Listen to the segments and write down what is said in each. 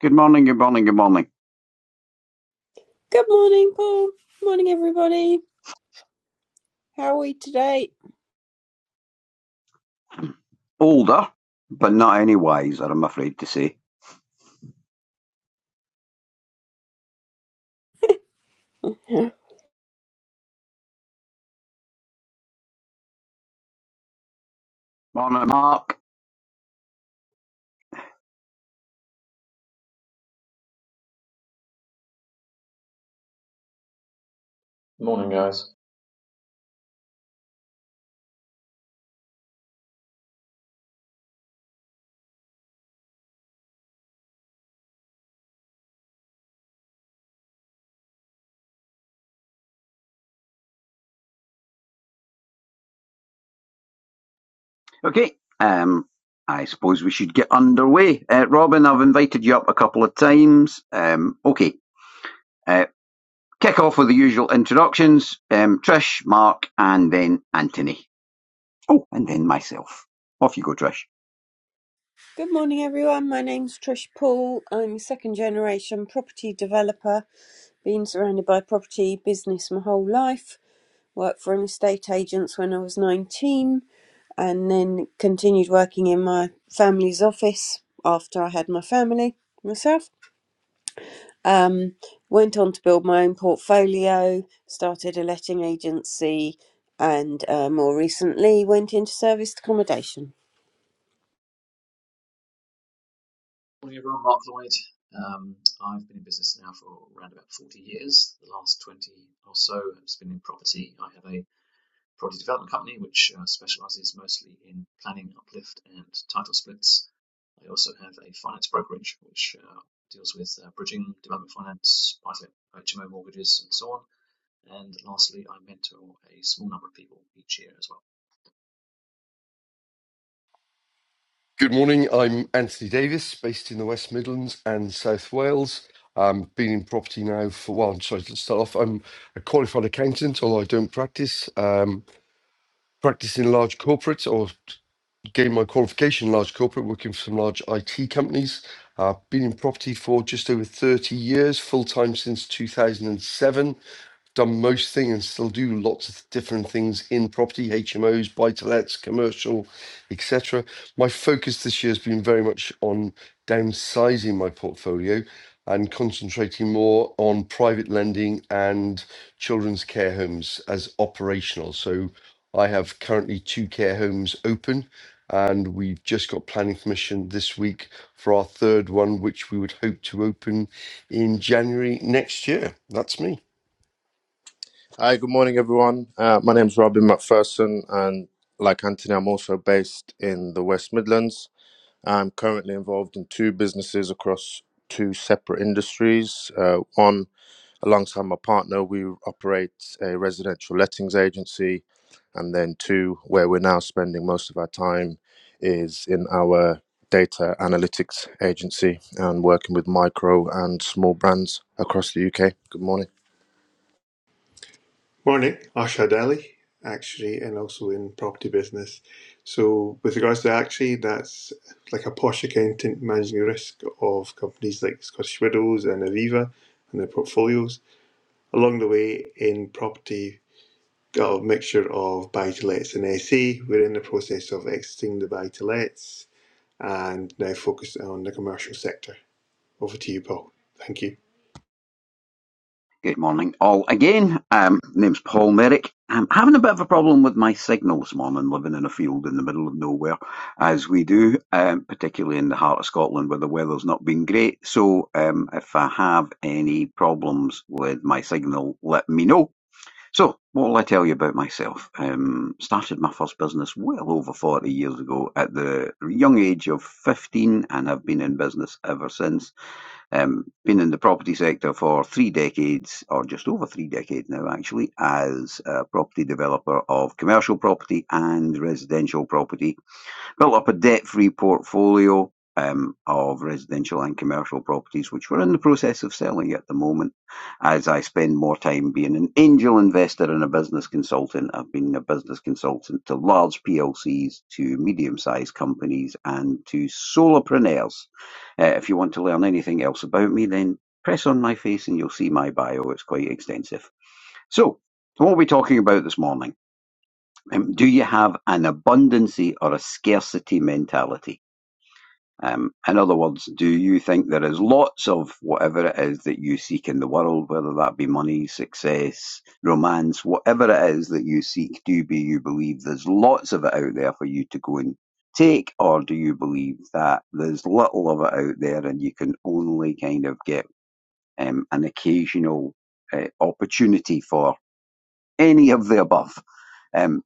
Good morning, good morning, good morning. Good morning, Paul. Morning, everybody. How are we today? Older, but not any wiser, I'm afraid to say. Yeah. Morning, Mark. Morning, guys. Okay, um, I suppose we should get underway. Uh, Robin, I've invited you up a couple of times. Um, okay, uh, kick off with the usual introductions um, Trish, Mark, and then Anthony. Oh, and then myself. Off you go, Trish. Good morning, everyone. My name's Trish Paul. I'm a second generation property developer, been surrounded by property business my whole life. Worked for an estate agents when I was 19 and then continued working in my family's office after I had my family myself. Um, went on to build my own portfolio, started a letting agency, and uh, more recently went into serviced accommodation. Morning, everyone. Mark Lloyd. Um, I've been in business now for around about 40 years. The last 20 or so has been in property. I have a property development company which uh, specializes mostly in planning, uplift, and title splits. I also have a finance brokerage which uh, deals with uh, bridging, development finance, buy to let HMO mortgages, and so on. And lastly, I mentor a small number of people each year as well. Good morning. I'm Anthony Davis, based in the West Midlands and South Wales. Um, been in property now for well. I'm sorry to start off. I'm a qualified accountant, although I don't practice. Um, practice in large corporates, or gained my qualification in large corporate, working for some large IT companies. Uh, been in property for just over 30 years, full time since 2007 done most things and still do lots of different things in property, HMOs, buy to lets, commercial, etc. My focus this year has been very much on downsizing my portfolio and concentrating more on private lending and children's care homes as operational. So I have currently two care homes open. And we've just got planning permission this week for our third one, which we would hope to open in January next year. That's me. Hi, good morning, everyone. Uh, my name's Robin McPherson, and like Anthony, I'm also based in the West Midlands. I'm currently involved in two businesses across two separate industries. Uh, one, alongside my partner, we operate a residential lettings agency, and then two, where we're now spending most of our time, is in our data analytics agency and working with micro and small brands across the UK. Good morning. Morning, Asha Deli, actually, and also in property business. So, with regards to actually, that's like a posh accountant managing the risk of companies like Scottish Widows and Aviva and their portfolios. Along the way, in property, got a mixture of buy to lets and SA. We're in the process of exiting the buy to lets and now focused on the commercial sector. Over to you, Paul. Thank you. Good morning, all again. Um, name's Paul Merrick. I'm having a bit of a problem with my signal this morning, living in a field in the middle of nowhere, as we do, um, particularly in the heart of Scotland where the weather's not been great. So, um, if I have any problems with my signal, let me know. So, what will I tell you about myself? Um, started my first business well over 40 years ago at the young age of 15 and have been in business ever since. Um, been in the property sector for three decades, or just over three decades now, actually, as a property developer of commercial property and residential property built up a debt-free portfolio um, of residential and commercial properties, which we're in the process of selling at the moment. As I spend more time being an angel investor and a business consultant, I've been a business consultant to large PLCs, to medium-sized companies, and to solopreneurs. Uh, if you want to learn anything else about me, then press on my face and you'll see my bio. It's quite extensive. So, what are we talking about this morning? Um, do you have an abundancy or a scarcity mentality? Um, in other words, do you think there is lots of whatever it is that you seek in the world, whether that be money, success, romance, whatever it is that you seek, do you believe there's lots of it out there for you to go and take, or do you believe that there's little of it out there and you can only kind of get um, an occasional uh, opportunity for any of the above? Um,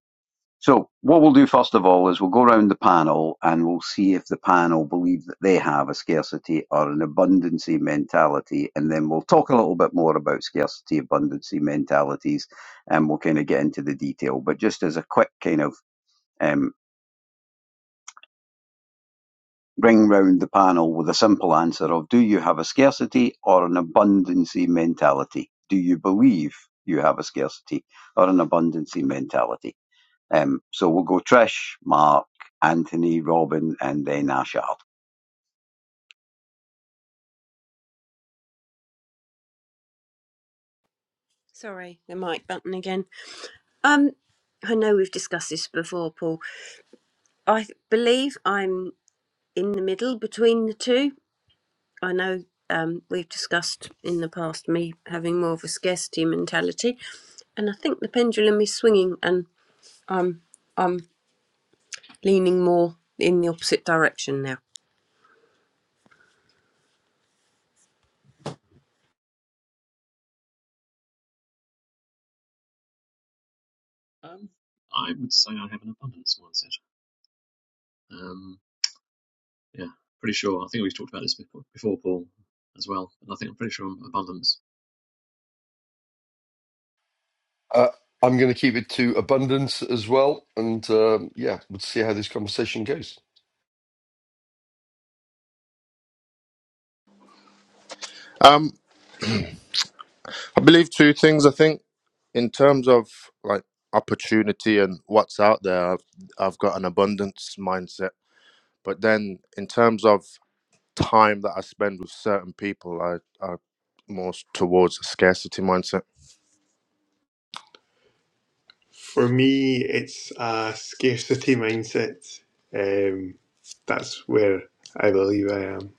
so what we'll do first of all is we'll go around the panel and we'll see if the panel believe that they have a scarcity or an abundancy mentality, and then we'll talk a little bit more about scarcity abundancy mentalities, and we'll kind of get into the detail. But just as a quick kind of um, bring round the panel with a simple answer of do you have a scarcity or an abundancy mentality? Do you believe you have a scarcity or an abundancy mentality? Um, so we'll go Trish, Mark, Anthony, Robin, and then Ashard. Sorry, the mic button again. Um, I know we've discussed this before, Paul. I th- believe I'm in the middle between the two. I know um, we've discussed in the past me having more of a scarcity mentality, and I think the pendulum is swinging, and I'm I'm leaning more in the opposite direction now. Um, I would say I have an abundance mindset. Um, Yeah, pretty sure. I think we've talked about this before, Paul, as well. And I think I'm pretty sure on abundance. Uh, I'm going to keep it to abundance as well. And um, yeah, we'll see how this conversation goes. Um, I believe two things. I think. in terms of like opportunity and what's out there I've, I've got an abundance mindset but then in terms of time that i spend with certain people i i more towards a scarcity mindset For me, it's a scarcity mindset. Um, that's where I believe I am.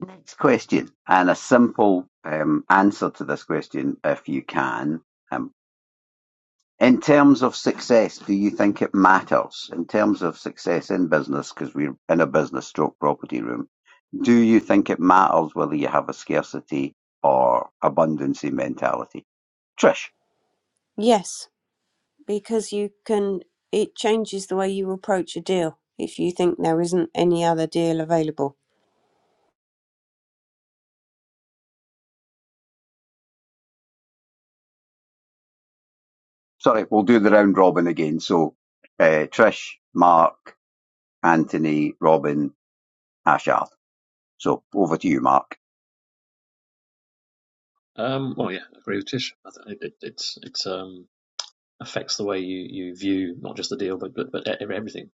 Next question, and a simple um, answer to this question, if you can. Um, in terms of success, do you think it matters? In terms of success in business, because we're in a business stroke property room, do you think it matters whether you have a scarcity or abundancy mentality? Trish, Yes. because you can it changes the way you approach a deal if you think there isn't any other deal available sorry, we'll do the round robin again. So, uh, Trish, Mark, Anthony, Robin, Ashard. So over to you, Mark. Um, well, yeah, I agree with Tish. I th- it, it, it's it's um affects the way you, you view not just the deal, but but, but e- everything.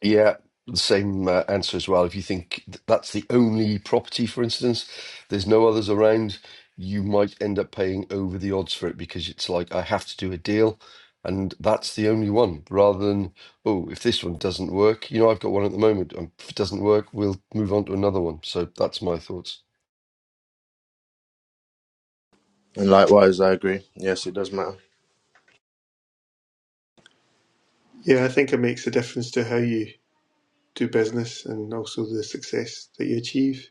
Yeah, the same uh, answer as well. If you think th- that's the only property, for instance, there's no others around, you might end up paying over the odds for it because it's like, I have to do a deal. And that's the only one rather than, oh, if this one doesn't work, you know, I've got one at the moment. Um, If it doesn't work, we'll move on to another one. So that's my thoughts. and likewise i agree yes it does matter Yeah, I think it makes a difference to how you do business and also the success that you achieve.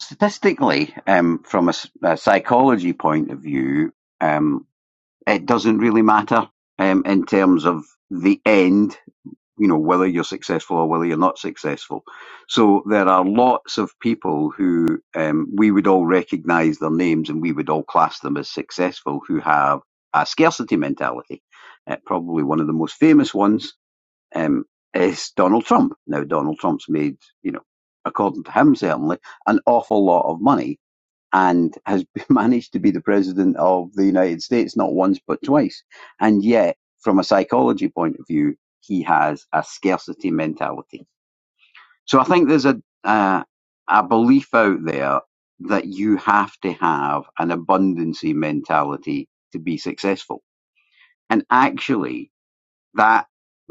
Statistically, um, from a a psychology point of view, um, it doesn't really matter um, in terms of the end, you know, whether you're successful or whether you're not successful. So there are lots of people who um, we would all recognize their names and we would all class them as successful who have a scarcity mentality. Uh, probably one of the most famous ones um, is Donald Trump. Now, Donald Trump's made, you know, according to him certainly, an awful lot of money and has managed to be the president of the United States not once but twice. And yet, from a psychology point of view, he has a scarcity mentality. So I think there's a uh, a belief out there that you have to have an abundancy mentality to be successful. And actually, that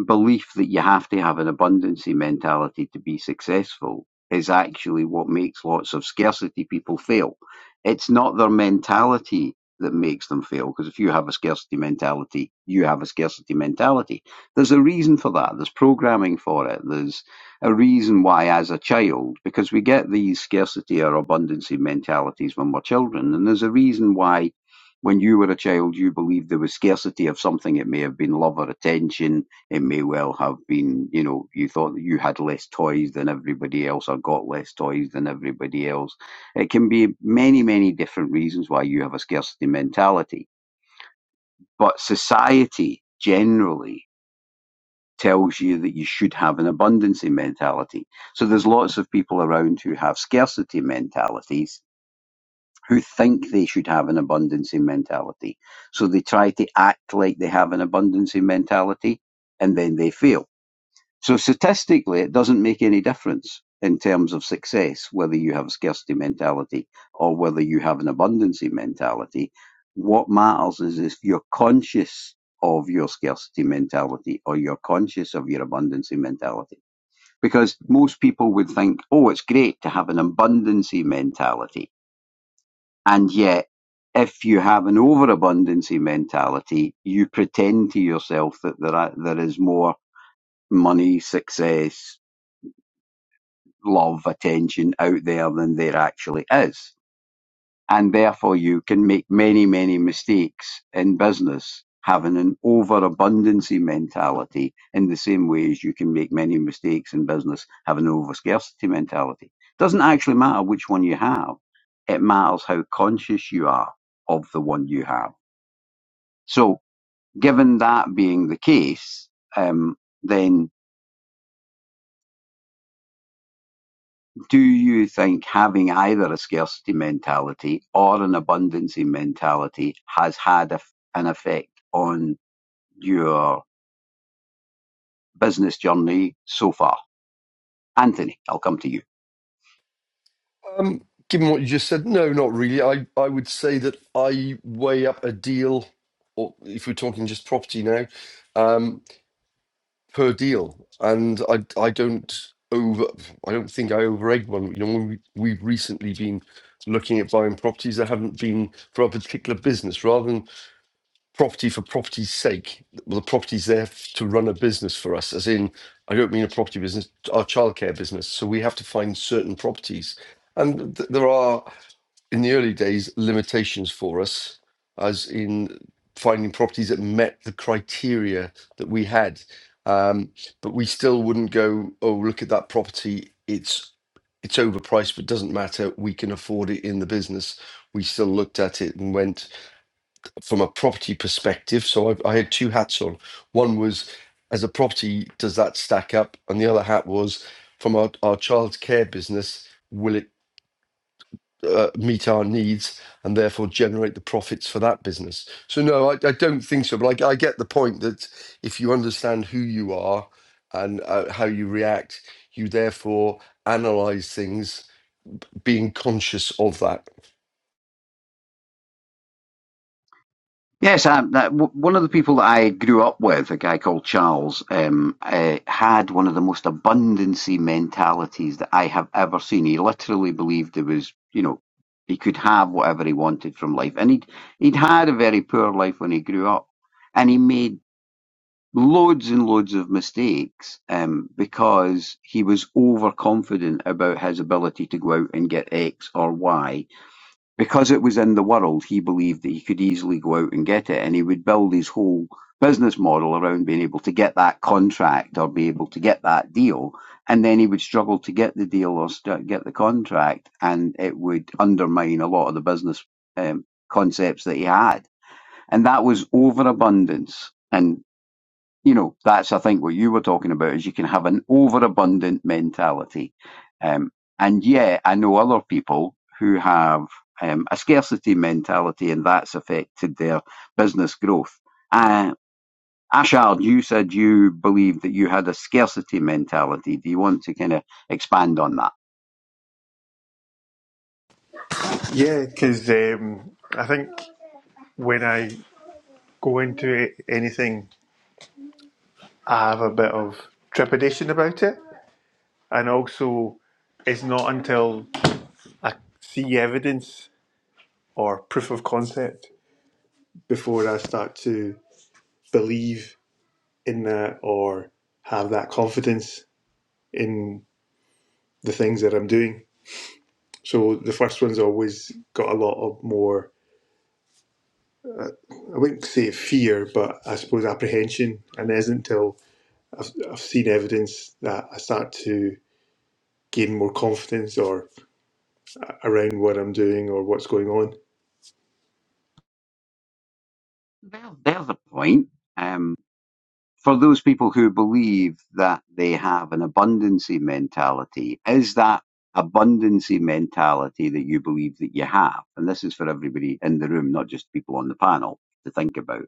belief that you have to have an abundancy mentality to be successful is actually what makes lots of scarcity people fail. It's not their mentality that makes them fail, because if you have a scarcity mentality, you have a scarcity mentality. There's a reason for that. There's programming for it. There's a reason why, as a child, because we get these scarcity or abundancy mentalities when we're children, and there's a reason why when you were a child, you believed there was scarcity of something. It may have been love or attention. It may well have been, you know, you thought that you had less toys than everybody else or got less toys than everybody else. It can be many, many different reasons why you have a scarcity mentality. But society generally tells you that you should have an abundancy mentality. So there's lots of people around who have scarcity mentalities who think they should have an abundancy mentality. So they try to act like they have an abundancy mentality and then they fail. So statistically, it doesn't make any difference in terms of success whether you have a scarcity mentality or whether you have an abundancy mentality. What matters is if you're conscious of your scarcity mentality or you're conscious of your abundancy mentality. Because most people would think, oh, it's great to have an abundancy mentality and yet, if you have an overabundancy mentality, you pretend to yourself that there are, there is more money, success, love, attention out there than there actually is. And therefore you can make many, many mistakes in business having an overabundancy mentality in the same way as you can make many mistakes in business having an overscarcity mentality. Doesn't actually matter which one you have. It matters how conscious you are of the one you have So, given that being the case, um, then do you think having either a scarcity mentality or an abundancy mentality has had a, an effect on your business journey so far? Anthony, I'll come to you. Um, given what you just said, no, not really. I, I would say that I weigh up a deal, or if we're talking just property now, um, per deal, and I I don't over I don't think I overegg one. You know, when we, we've recently been looking at buying properties that haven't been for a particular business, rather than property for property's sake. Well, the property's there f- to run a business for us, as in I don't mean a property business, our childcare business. So we have to find certain properties. And th- there are in the early days limitations for us, as in finding properties that met the criteria that we had. Um, but we still wouldn't go, oh, look at that property. It's it's overpriced, but doesn't matter. We can afford it in the business. We still looked at it and went from a property perspective. So I, I had two hats on. One was as a property, does that stack up? And the other hat was from our, our childcare business, will it uh, meet our needs and therefore generate the profits for that business. So no, I, I don't think so. But I, I get the point that if you understand who you are and uh, how you react, you therefore analyze things, being conscious of that. Yes, I, that, w- one of the people that I grew up with, a guy called Charles, um, uh, had one of the most abundancy mentalities that I have ever seen. He literally believed there was, you know, he could have whatever he wanted from life, and he'd he'd had a very poor life when he grew up, and he made loads and loads of mistakes um, because he was overconfident about his ability to go out and get X or Y because it was in the world, he believed that he could easily go out and get it, and he would build his whole business model around being able to get that contract or be able to get that deal. And then he would struggle to get the deal or st- get the contract, and it would undermine a lot of the business um, concepts that he had. And that was overabundance. And you know, that's I think what you were talking about is you can have an overabundant mentality, um, and yeah, I know other people who have um, a scarcity mentality, and that's affected their business growth. Uh, Ashard, you said you believe that you had a scarcity mentality. Do you want to kind of expand on that? Yeah, because um, I think when I go into it, anything, I have a bit of trepidation about it. And also, it's not until I see evidence or proof of concept before I start to believe in that or have that confidence in the things that I'm doing. So the first one's always got a lot of more, I wouldn't say fear, but I suppose apprehension. And it isn't until I've, I've seen evidence that I start to gain more confidence or around what I'm doing or what's going on. There, there's a point. Um, for those people who believe that they have an abundancy mentality, is that abundancy mentality that you believe that you have? And this is for everybody in the room, not just people on the panel to think about.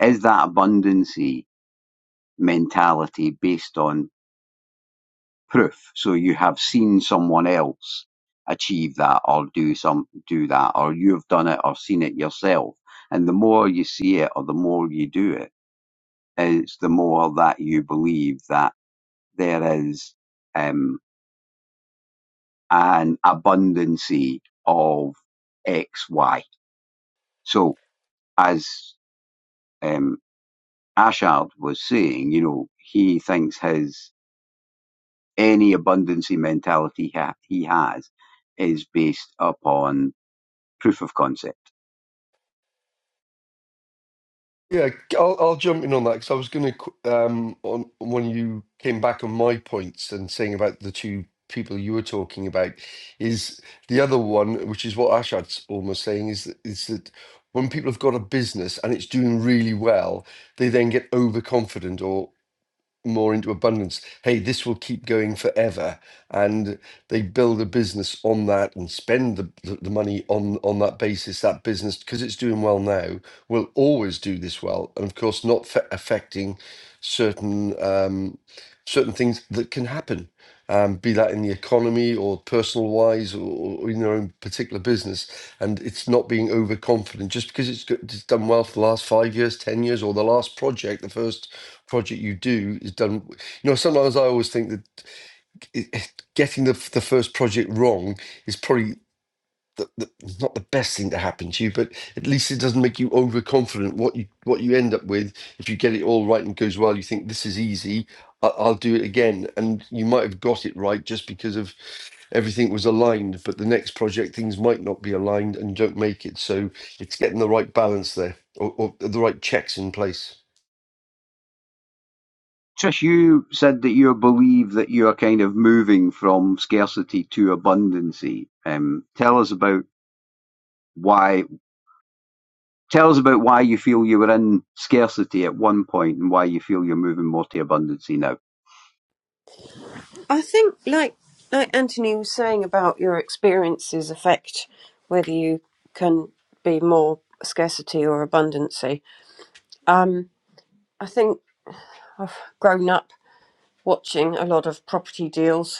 Is that abundancy mentality based on proof? So you have seen someone else achieve that or do some do that or you've done it or seen it yourself. And the more you see it or the more you do it, is the more that you believe that there is um, an abundancy of X, Y. So as um, Ashard was saying, you know, he thinks his any abundancy mentality ha- he has is based upon proof of concept. Yeah, I'll, I'll jump in on that because I was going to um, on on when you came back on my points and saying about the two people you were talking about is the other one, which is what Ashad's almost saying is that, is that when people have got a business and it's doing really well, they then get overconfident or more into abundance. Hey, this will keep going forever. And they build a business on that and spend the, the, the money on, on that basis. That business, because it's doing well now, will always do this well. And of course, not fa- affecting certain um, certain things that can happen, um, be that in the economy or personal wise or, or in their own particular business. And it's not being overconfident just because it's, go- it's done well for the last five years, 10 years, or the last project, the first project you do is done. You know, sometimes I always think that it, getting the the first project wrong is probably the, the, not the best thing to happen to you, but at least it doesn't make you overconfident. What you what you end up with, if you get it all right and it goes well, you think this is easy. I, I'll do it again, and you might have got it right just because of everything was aligned. But the next project, things might not be aligned, and you don't make it. So it's getting the right balance there, or, or the right checks in place. Trish, you said that you believe that you are kind of moving from scarcity to abundancy. Um, tell us about why Tell us about why you feel you were in scarcity at one point and why you feel you're moving more to abundancy now. i think like like anthony was saying about your experiences affect whether you can be more scarcity or abundancy um i think i've grown up watching a lot of property deals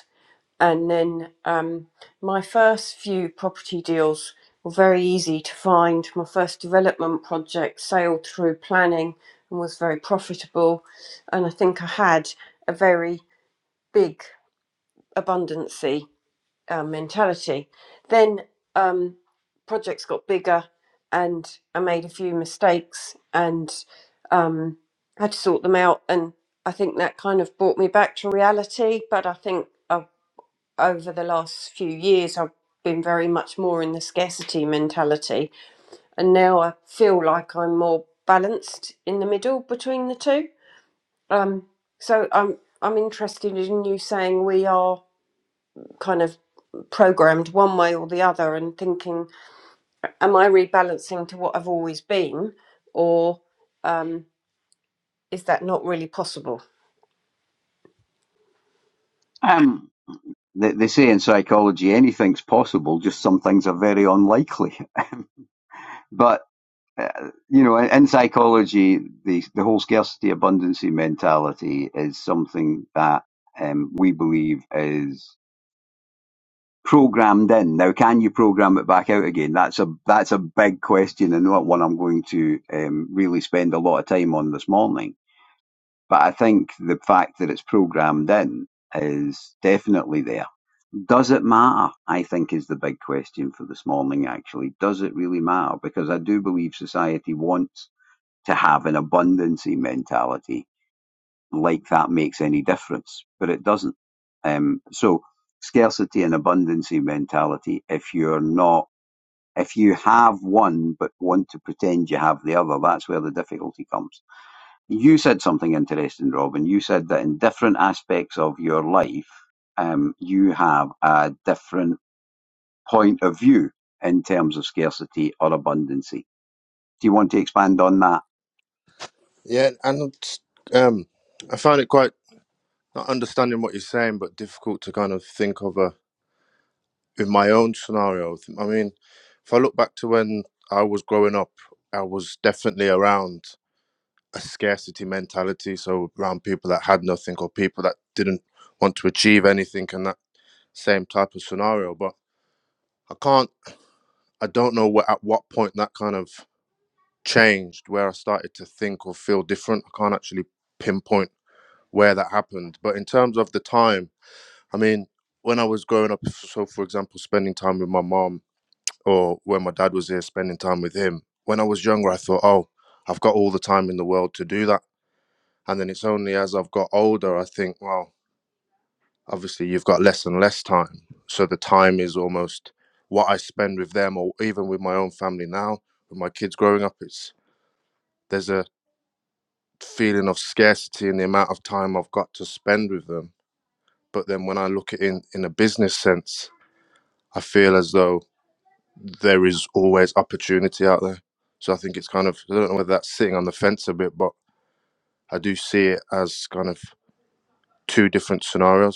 and then um, my first few property deals were very easy to find. My first development project sailed through planning and was very profitable, and I think I had a very big abundancy uh, mentality. Then um, projects got bigger, and I made a few mistakes and um, had to sort them out. And I think that kind of brought me back to reality. But I think I over the last few years, I've been very much more in the scarcity mentality. And now I feel like I'm more balanced in the middle between the two. Um, so I'm, I'm interested in you saying we are kind of programmed one way or the other and thinking, am I rebalancing to what I've always been? Or um, is that not really possible? Um, they, they say in psychology anything's possible, just some things are very unlikely. But, uh, you know, in, in psychology, the, the whole scarcity abundancy mentality is something that um, we believe is programmed in. Now, can you program it back out again? That's a, that's a big question and not one I'm going to um, really spend a lot of time on this morning But I think the fact that it's programmed in is definitely there. Does it matter? I think is the big question for this morning, actually. Does it really matter? Because I do believe society wants to have an abundancy mentality, like that makes any difference, but it doesn't. Um, so scarcity and abundancy mentality, if you're not if you have one but want to pretend you have the other, that's where the difficulty comes. You said something interesting, Robin. You said that in different aspects of your life, um, you have a different point of view in terms of scarcity or abundancy. Do you want to expand on that? yeah and it's, um i find it quite not understanding what you're saying but difficult to kind of think of a in my own scenario i mean if i look back to when i was growing up i was definitely around a scarcity mentality. So around people that had nothing or people that didn't want to achieve anything and that same type of scenario. But I can't, I don't know what, at what point that kind of changed, where I started to think or feel different. I can't actually pinpoint where that happened. But in terms of the time, I mean, when I was growing up, so for example, spending time with my mom or when my dad was here, spending time with him, when I was younger, I thought, oh, I've got all the time in the world to do that And then it's only as I've got older, I think, well, obviously you've got less and less time. So the time is almost what I spend with them or even with my own family now, with my kids growing up, it's there's a feeling of scarcity in the amount of time I've got to spend with them. But then when I look at it in, in a business sense, I feel as though there is always opportunity out there. So I think it's kind of I don't know whether that's sitting on the fence a bit, but I do see it as kind of two different scenarios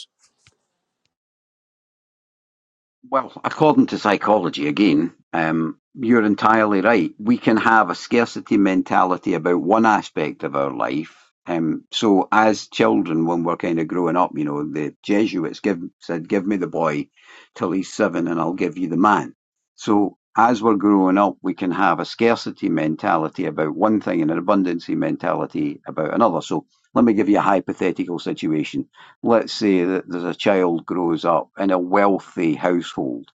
Well, according to psychology, again, um, you're entirely right. We can have a scarcity mentality about one aspect of our life. Um, so, as children, when we're kind of growing up, you know, the Jesuits give, said, Give me the boy till he's seven and I'll give you the man. So, as we're growing up, we can have a scarcity mentality about one thing and an abundancy mentality about another. So, let me give you a hypothetical situation let's say that there's a child grows up in a wealthy household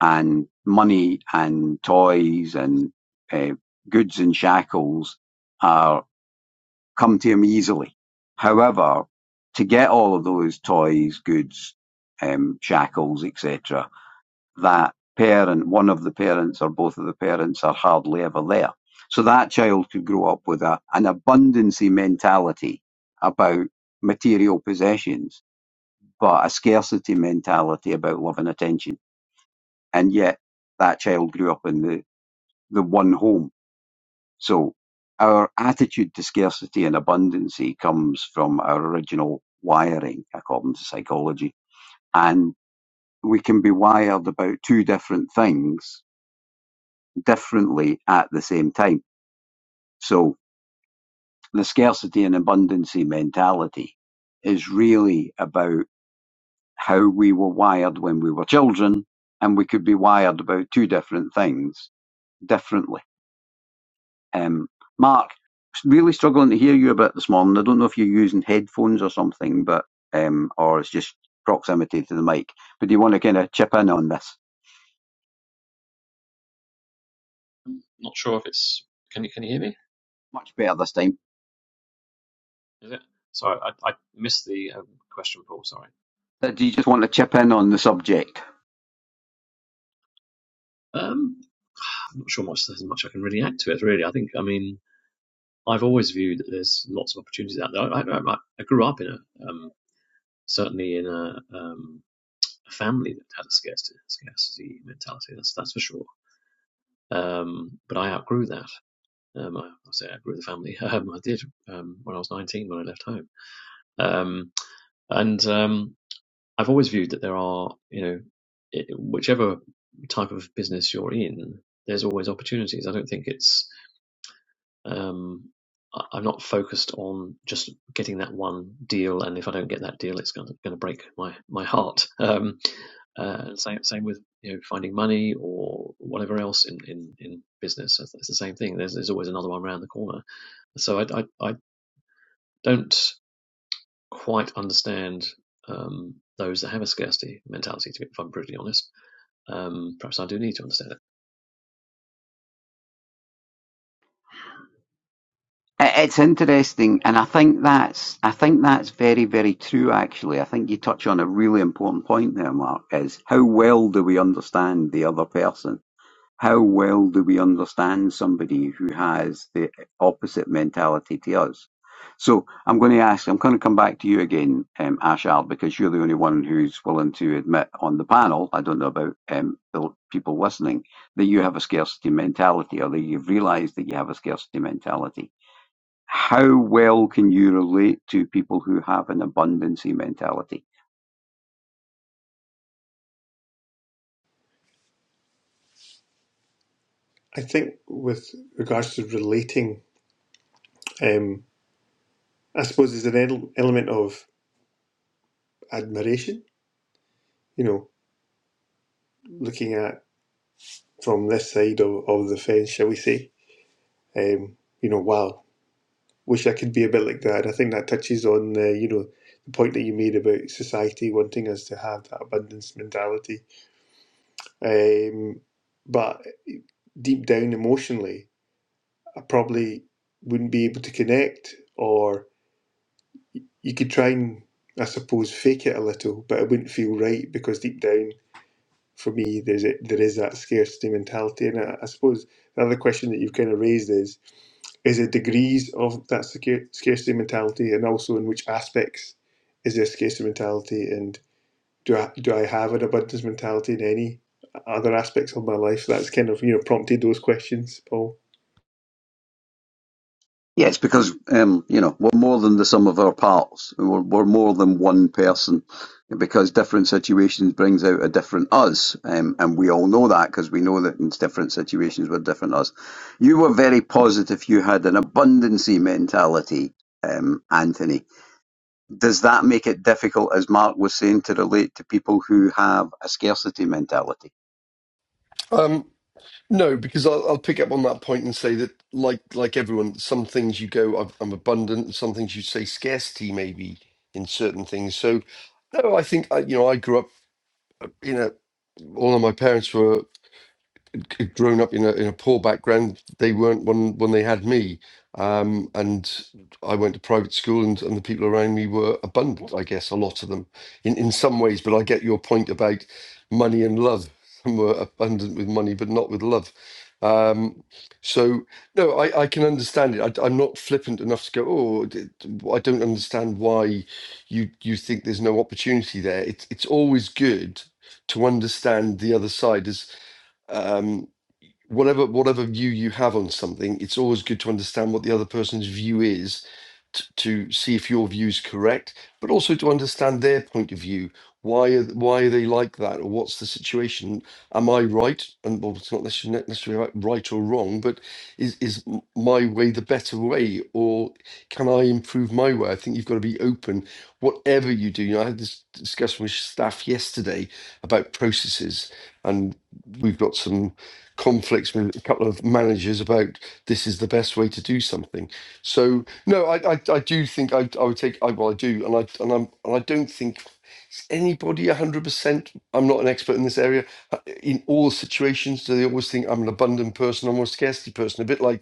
and money and toys and uh, goods and shackles are come to him easily. However, to get all of those toys, goods, um, shackles, etc., that parent, one of the parents or both of the parents are hardly ever there. So that child could grow up with a, an abundancy mentality about material possessions but a scarcity mentality about love and attention. And yet that child grew up in the, the one home. So our attitude to scarcity and abundancy comes from our original wiring, according to psychology. And we can be wired about two different things differently at the same time. So the scarcity and abundancy mentality is really about how we were wired when we were children, and we could be wired about two different things differently. Um, Mark, really struggling to hear you a bit this morning. I don't know if you're using headphones or something, but um, or it's just proximity to the mic. But do you want to kind of chip in on this? I'm not sure if it's. Can you can you hear me? Much better this time. Is it? Sorry, I, I missed the um, question, Paul. Sorry. Uh, Do you just want to chip in on the subject? Um, I'm not sure much there's much I can really add to it. Really, I think I mean I've always viewed that there's lots of opportunities out there. I I, I, I grew up in a um, certainly in a um, a family that had a scarcity scarcity mentality. That's that's for sure. Um, but I outgrew that. Um, I, I say I outgrew the family. Um, I did um, when I was 19 when I left home. Um, and um, I've always viewed that there are you know it, whichever type of business you're in, there's always opportunities. I don't think it's Um, I- am not focused on just getting that one deal, and if I don't get that deal, it's going to, going to break my my heart. Um, uh, same same with you know finding money or whatever else in in, in business. It's it's the same thing. There's there's always another one around the corner. So I I, I don't quite understand um, those that have a scarcity mentality. To be, if I'm brutally honest, um, perhaps I do need to understand it. It's interesting, and I think that's I think that's very, very true. Actually, I think you touch on a really important point there, Mark. Is how well do we understand the other person? How well do we understand somebody who has the opposite mentality to us? So I'm going to ask. I'm going to come back to you again, um, Ashard, because you're the only one who's willing to admit on the panel. I don't know about um, the people listening that you have a scarcity mentality, or that you've realised that you have a scarcity mentality how well can you relate to people who have an abundancy mentality? I think with regards to relating, um, I suppose there's an el- element of admiration, you know, looking at from this side of, of the fence, shall we say, Um, you know, wow, wish I could be a bit like that. I think that touches on the, you know, the point that you made about society wanting us to have that abundance mentality. Um, but deep down emotionally, I probably wouldn't be able to connect, or you could try and, I suppose, fake it a little, but it wouldn't feel right because deep down, for me, there's a, there is that scarcity mentality, and I, I suppose the other question that you've kind of raised is Is there degrees of that scar- scarcity mentality, and also in which aspects is there scarcity mentality? And do I do I have an abundance mentality in any other aspects of my life? That's kind of you know prompted those questions, Paul. Yes, because um, you know we're more than the sum of our parts. We're, we're more than one person, because different situations brings out a different us, um, and we all know that because we know that in different situations we're different us. You were very positive. You had an abundancy mentality, um, Anthony. Does that make it difficult, as Mark was saying, to relate to people who have a scarcity mentality? Um, No, because I'll, I'll pick up on that point and say that, like like everyone, some things you go, I'm I'm abundant, and some things you say scarcity maybe in certain things. So, no, I think I, you know I grew up, you know, all of my parents were grown up in a in a poor background, they weren't when when they had me. Um, and I went to private school, and, and the people around me were abundant. I guess a lot of them, in in some ways. But I get your point about money and love. Some were abundant with money, but not with love. Um, so no, I, I can understand it. I, am not flippant enough to go. Oh, d- d- I don't understand why you you think there's no opportunity there. It's it's always good to understand the other side. As um, whatever whatever view you have on something, it's always good to understand what the other person's view is t- to see if your view is correct, but also to understand their point of view. Why are why are they like that, or what's the situation? Am I right? And well, it's not necessarily necessarily right right or wrong, but is is m- my way the better way, or can I improve my way? I think you've got to be open, whatever you do. You know, I had this discussion with staff yesterday about processes, and we've got some conflicts with a couple of managers about this is the best way to do something. So no, I I, I do think I I would take I well I do and I and I'm and I don't think anybody a hundred percent. I'm not an expert in this area. uh, In all situations, do they always think I'm an abundant person, I'm a scarcity person? A bit like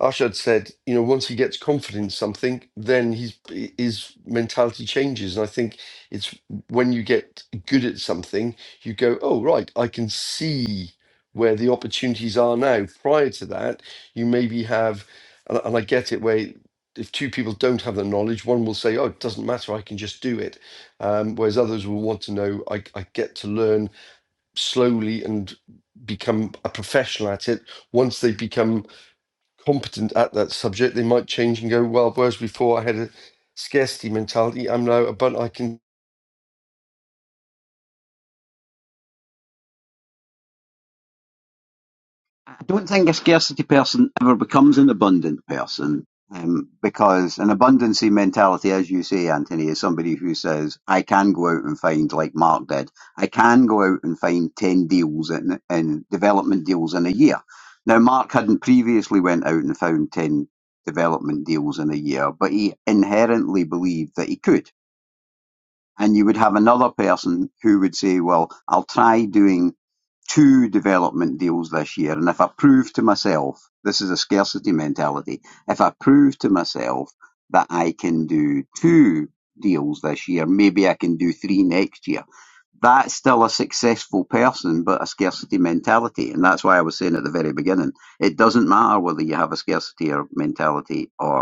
Arshad said, you know, once he gets confident in something, then his his mentality changes. And I think it's when you get good at something, you go, oh right, I can see where the opportunities are now. Prior to that, you maybe have, and, and I get it where. If two people don't have the knowledge, one will say, "Oh, it doesn't matter. I can just do it," um, whereas others will want to know. I, I get to learn slowly and become a professional at it once they become competent at that subject, they might change and go, well, whereas before I had a scarcity mentality, I'm now abundant. I can, I don't think a scarcity person ever becomes an abundant person um, because an abundancy mentality, as you say, Anthony, is somebody who says, I can go out and find, like Mark did, I can go out and find 10 deals in, in development deals in a year. Now, Mark hadn't previously went out and found 10 development deals in a year, but he inherently believed that he could. And you would have another person who would say, well, I'll try doing two development deals this year. And if I prove to myself, this is a scarcity mentality, if I prove to myself that I can do two deals this year, maybe I can do three next year. That's still a successful person, but a scarcity mentality. And that's why I was saying at the very beginning, it doesn't matter whether you have a scarcity or mentality or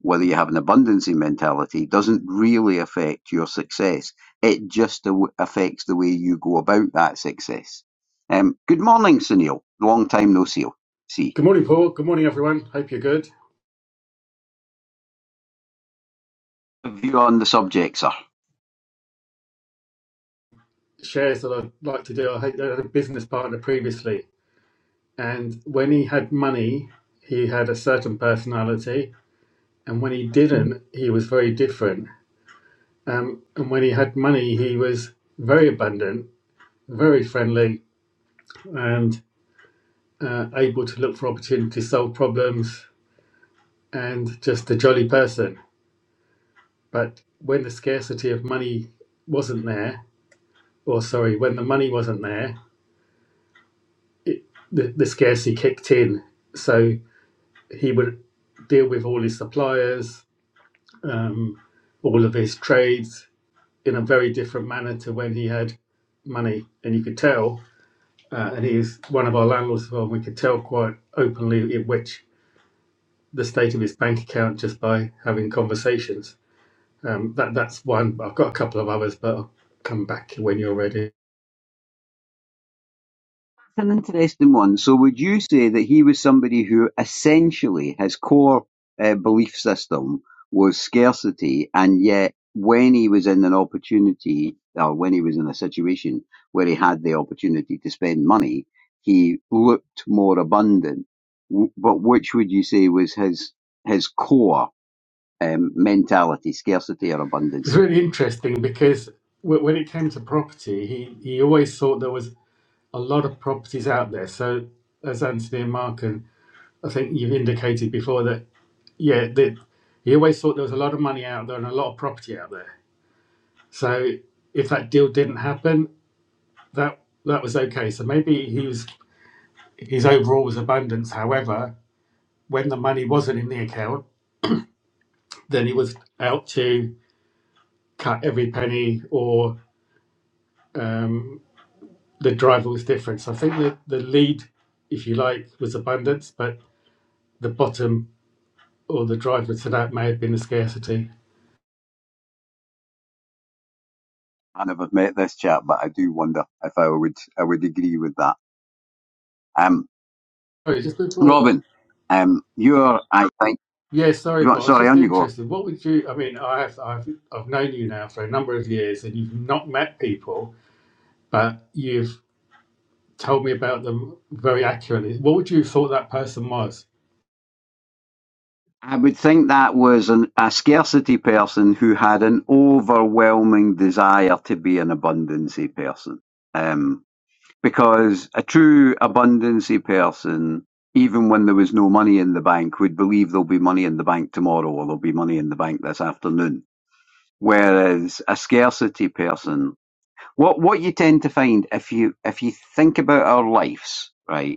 whether you have an abundancy mentality, doesn't really affect your success. It just aw- affects the way you go about that success. Um, good morning, Sunil. Long time no see. See, Good morning, Paul. Good morning, everyone. Hope you're good. view on the subject, sir. Shares that I'd like to do. I had I had a business partner previously, and when he had money, he had a certain personality, and when he didn't, he was very different. Um, and when he had money, he was very abundant, very friendly, and uh, able to look for opportunities, solve problems, and just a jolly person. But when the scarcity of money wasn't there, or sorry, when the money wasn't there, it, the, the scarcity kicked in. So he would deal with all his suppliers, um, all of his trades in a very different manner to when he had money. And you could tell, uh, and he is one of our landlords as well, and we could tell quite openly in which the state of his bank account just by having conversations. Um, that That's one. I've got a couple of others, but I'll come back when you're ready. That's an interesting one. So, would you say that he was somebody who essentially his core uh, belief system was scarcity, and yet when he was in an opportunity or when he was in a situation where he had the opportunity to spend money, he looked more abundant? W- But which would you say was his his core um, mentality, scarcity or It's abundancy? really interesting because w- when it came to property, he, he always thought there was a lot of properties out there. So, as Anthony and Mark, and I think you've indicated before that, yeah, that he always thought there was a lot of money out there and a lot of property out there. So, if that deal didn't happen, that that was okay. So maybe he was his overall was abundance. However, when the money wasn't in the account, then he was out to cut every penny, or um, the driver was different. So I think the the lead, if you like, was abundance, but the bottom or the driver to that may have been the scarcity. I never met this chap, but I do wonder if I would I would agree with that. Um. Sorry, just before. Robin, um, you're, I think, Yeah, sorry, Paul. I was sorry, just on you go. interested. What would you? I mean, I have, I've I've known you now for a number of years, and you've not met people, but you've told me about them very accurately. What would you have thought that person was? I would think that was an, a scarcity person who had an overwhelming desire to be an abundancy person. Um, because a true abundancy person, even when there was no money in the bank, would believe there'll be money in the bank tomorrow or there'll be money in the bank this afternoon. Whereas a scarcity person, what, what you tend to find if you, if you think about our lives, right?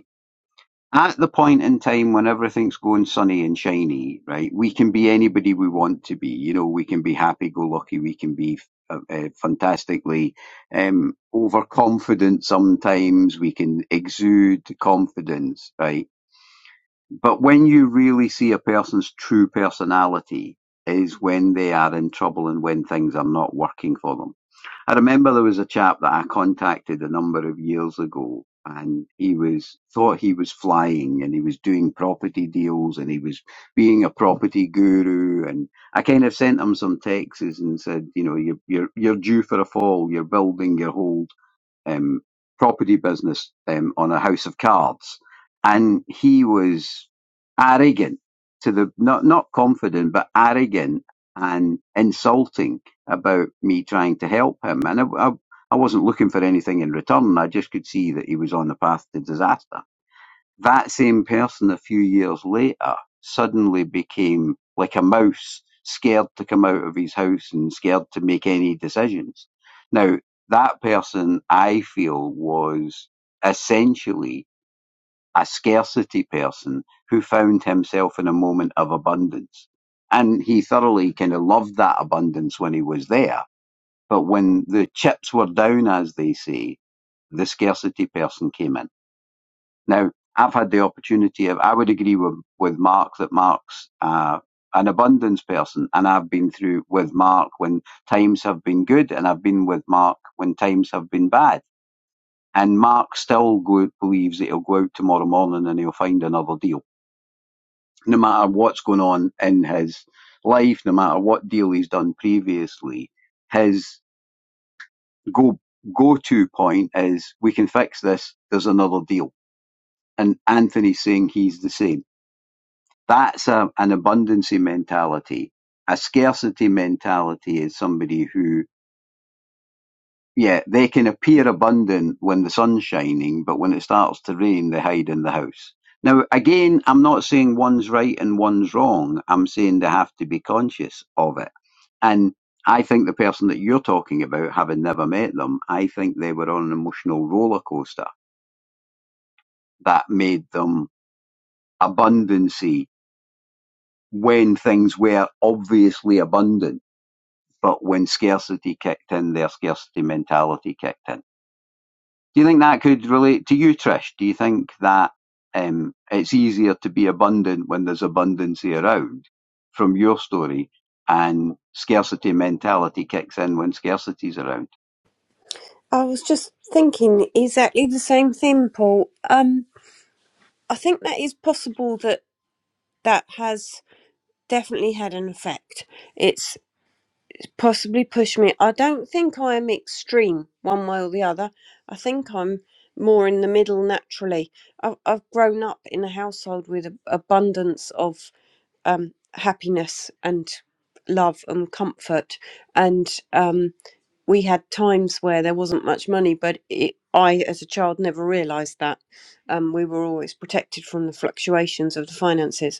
at the point in time when everything's going sunny and shiny, right, we can be anybody we want to be. You know, we can be happy go lucky, we can be uh, uh, fantastically um, overconfident sometimes, we can exude confidence, right? But when you really see a person's true personality, is when they are in trouble and when things are not working for them I remember there was a chap that I contacted a number of years ago and he was thought he was flying and he was doing property deals and he was being a property guru and I kind of sent him some texts and said, you know, you're you're you're due for a fall, you're building your hold um, property business um, on a house of cards, and he was arrogant to the not not confident but arrogant and insulting about me trying to help him, and I, I, I wasn't looking for anything in return. I just could see that he was on the path to disaster. That same person a few years later suddenly became like a mouse, scared to come out of his house and scared to make any decisions. Now, that person I feel was essentially a scarcity person who found himself in a moment of abundance. And he thoroughly kind of loved that abundance when he was there. But when the chips were down, as they say, the scarcity person came in. Now, I've had the opportunity of, I would agree with, with Mark that Mark's uh, an abundance person, and I've been through with Mark when times have been good, and I've been with Mark when times have been bad. And Mark still go, believes that he'll go out tomorrow morning and he'll find another deal, no matter what's going on in his life, no matter what deal he's done previously. His go go to point is, we can fix this. There's another deal, and Anthony's saying he's the same That's a, an abundancy mentality. A scarcity mentality is somebody who, yeah, they can appear abundant when the sun's shining, but when it starts to rain, they hide in the house. Now, again, I'm not saying one's right and one's wrong. I'm saying they have to be conscious of it. And I think the person that you're talking about, having never met them, I think they were on an emotional roller coaster that made them abundancy when things were obviously abundant but when scarcity kicked in, their scarcity mentality kicked in. Do you think that could relate to you, Trish? Do you think that um, it's easier to be abundant when there's abundancy around from your story and scarcity mentality kicks in when scarcity's around? I was just thinking exactly the same thing, Paul. Um, I think that is possible that that has. definitely had an effect. It's possibly pushed me. I don't think I am extreme one way or the other. I think I'm more in the middle naturally. I've, I've grown up in a household with a, abundance of um, happiness and love and comfort, and um, we had times where there wasn't much money, but it. I, as a child, never realised that um, we were always protected from the fluctuations of the finances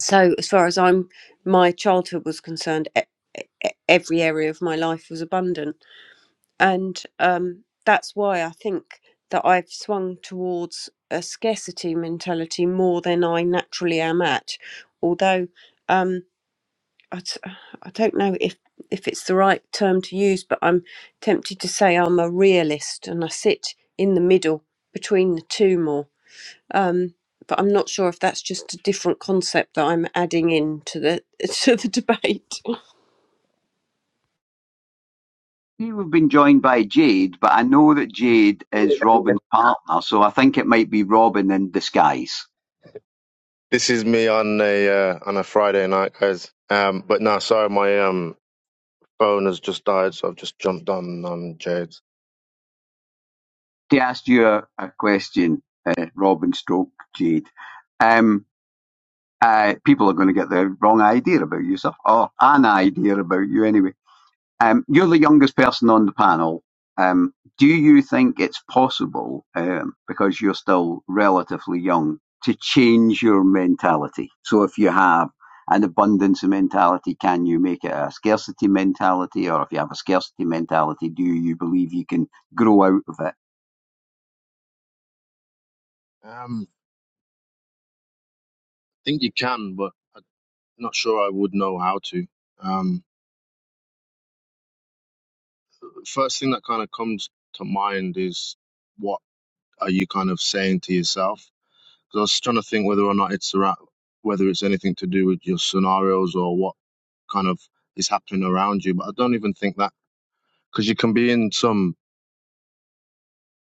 so as far as i'm my childhood was concerned e- e- e, every area of my life was abundant and um, that's why i think that i've swung towards a scarcity mentality more than i naturally am at although um, I, t- I don't know if if it's the right term to use but i'm tempted to say i'm a realist and i sit in the middle between the two more um, but I'm not sure if that's just a different concept that I'm adding in to the to the debate. We've been joined by Jade, but I know that Jade is Robin's partner, so I think it might be Robin in disguise. This is me on a uh, on a Friday night, guys. Um, but no, sorry, my um phone has just died, so I've just jumped on on Jade's. To ask you a, a question, uh, Robin stroke Jade. Um, uh, people are going to get the wrong idea about you, sir, or an idea about you anyway. Um, you're the youngest person on the panel. Um, do you think it's possible, um, because you're still relatively young, to change your mentality? So if you have an abundance mentality, can you make it a scarcity mentality? Or if you have a scarcity mentality, do you believe you can grow out of it? Um, I think you can, but I'm not sure I would know how to. Um, first thing that kind of comes to mind is what are you kind of saying to yourself? Because I was trying to think whether or not it's around, whether it's anything to do with your scenarios or what kind of is happening around you, but I don't even think that because you can be in some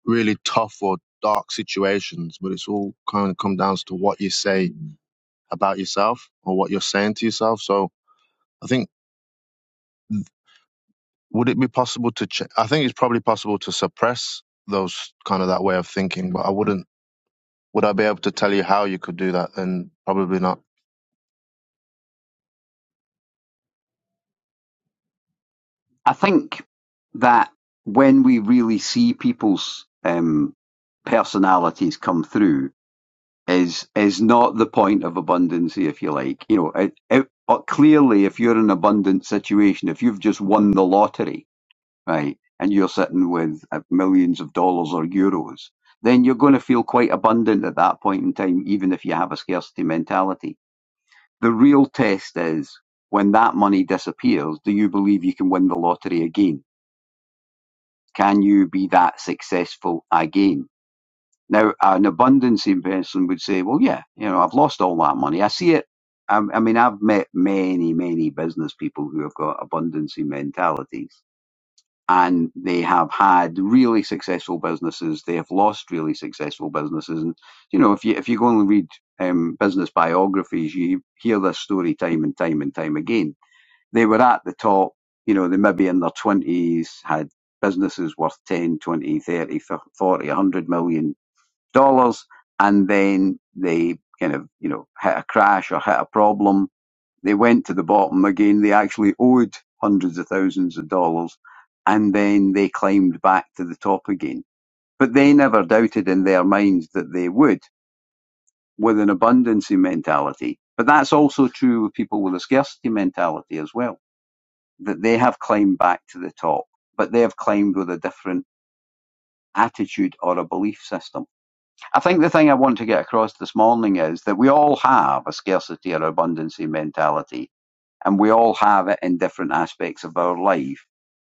really tough or dark situations, but it's all kind of come down to what you say about yourself or what you're saying to yourself. So I think would it be possible to? Ch- I think it's probably possible to suppress those kind of that way of thinking, but I wouldn't. Would I be able to tell you how you could do that? Then probably not. I think that when we really see people's um, personalities come through is is not the point of abundancy, if you like. You know, it, it, uh, clearly, if you're in an abundant situation, if you've just won the lottery, right, and you're sitting with uh, millions of dollars or euros, then you're going to feel quite abundant at that point in time, even if you have a scarcity mentality. The real test is when that money disappears, do you believe you can win the lottery again? Can you be that successful again? Now, an abundance person would say, well, yeah, you know, I've lost all that money. I see it. I, I mean, I've met many, many business people who have got abundance mentalities and they have had really successful businesses. They have lost really successful businesses. And, you know, if you, if you go and read um, business biographies, you hear this story time and time and time again they were at the top, you know, they maybe in their 20s had businesses worth 10, 20, 100 million dollars. And then they kind of, you know, hit a crash or hit a problem. They went to the bottom again. They actually owed hundreds of thousands of dollars and then they climbed back to the top again. But they never doubted in their minds that they would with an abundancy mentality. But that's also true of people with a scarcity mentality as well that they have climbed back to the top, but they have climbed with a different attitude or a belief system. I think the thing I want to get across this morning is that we all have a scarcity or abundancy mentality, and we all have it in different aspects of our life.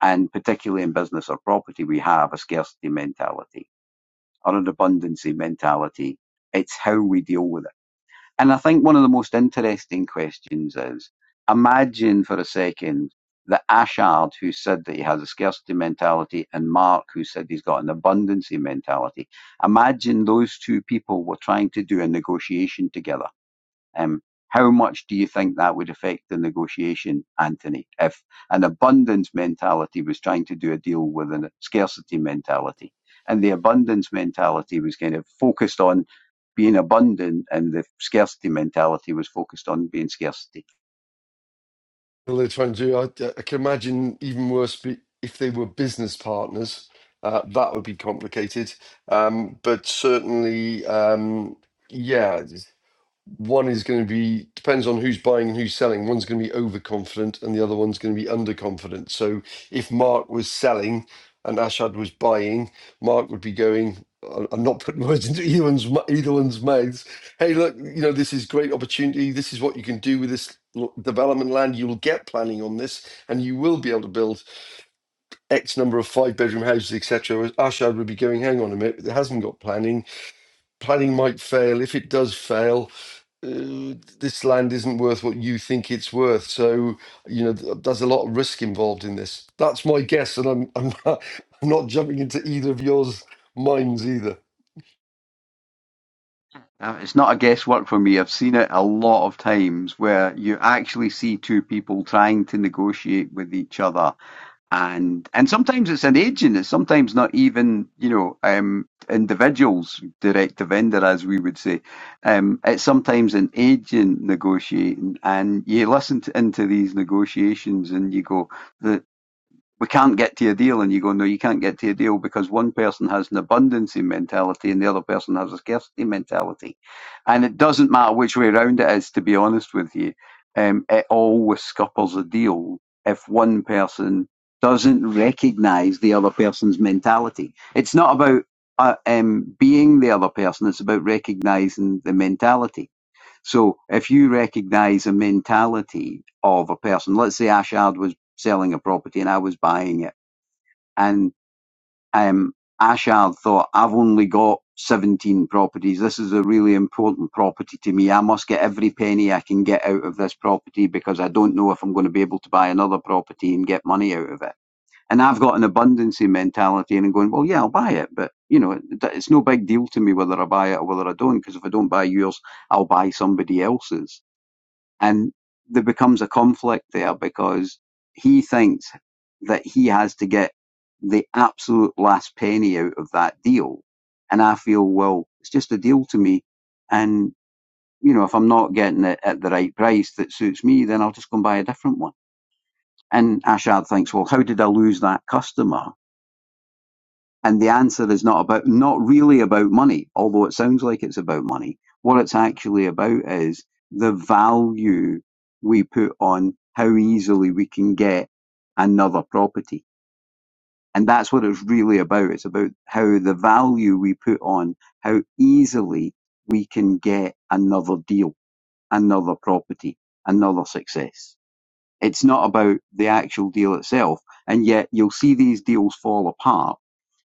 And particularly in business or property, we have a scarcity mentality or an abundancy mentality. It's how we deal with it and I think one of the most interesting questions is imagine for a second that Ashard, who said that he has a scarcity mentality, and Mark, who said he's got an abundancy mentality, imagine those two people were trying to do a negotiation together um, how much do you think that would affect the negotiation, Anthony, if an abundance mentality was trying to do a deal with a scarcity mentality? And the abundance mentality was kind of focused on being abundant, and the scarcity mentality was focused on being scarcity. all they're trying to do, I, I can imagine even worse be- if they were business partners. Uh, that would be complicated. Um, but certainly, um, yeah, one is going to be depends on who's buying and who's selling. One's going to be overconfident, and the other one's going to be underconfident. So if Mark was selling and Ashad was buying, Mark would be going. I- I'm not putting words into either one's mu- either one's mouths. Hey, look, you know this is great opportunity. This is what you can do with this l- development land. You'll get planning on this, and you will be able to build X number of five bedroom houses, etc. Whereas Ashad would be going, hang on a minute, it hasn't got planning planning might fail. If it does fail, uh, this land isn't worth what you think it's worth. So, you know, th- there's a lot of risk involved in this. That's my guess, and I'm I'm not, I'm not jumping into either of yours minds either. Uh, it's not a guesswork for me. I've seen it a lot of times where you actually see two people trying to negotiate with each other. and and sometimes it's an agent. It's sometimes not even you know um, individuals, direct to vendor, as we would say. Um, it's sometimes an agent negotiating, and you listen to, into these negotiations, and you go, the we can't get to a deal. And you go, no, you can't get to a deal because one person has an abundance mentality and the other person has a scarcity mentality. And it doesn't matter which way around it is, to be honest with you. Um, it always scuppers a deal if one person doesn't recognize the other person's mentality. It's not about uh, um, being the other person, it's about recognizing the mentality so if you recognize a mentality of a person, let's say Ashard was selling a property and I was buying it, and um, Ashard thought, I've only got 17 properties. This is a really important property to me. I must get every penny I can get out of this property because I don't know if I'm going to be able to buy another property and get money out of it. And I've got an abundancy mentality and I'm going, well, yeah, I'll buy it. But, you know, it- it's no big deal to me whether I buy it or whether I don't, because if I don't buy yours, I'll buy somebody else's. And there becomes a conflict there because he thinks that he has to get the absolute last penny out of that deal. And I feel, well, it's just a deal to me. And, you know, if I'm not getting it at the right price that suits me, then I'll just go and buy a different one. And Ashad thinks, well, how did I lose that customer? And the answer is not about, not really about money, although it sounds like it's about money. What it's actually about is the value we put on how easily we can get another property. And that's what it's really about. It's about how the value we put on how easily we can get another deal, another property, another success. It's not about the actual deal itself. And yet you'll see these deals fall apart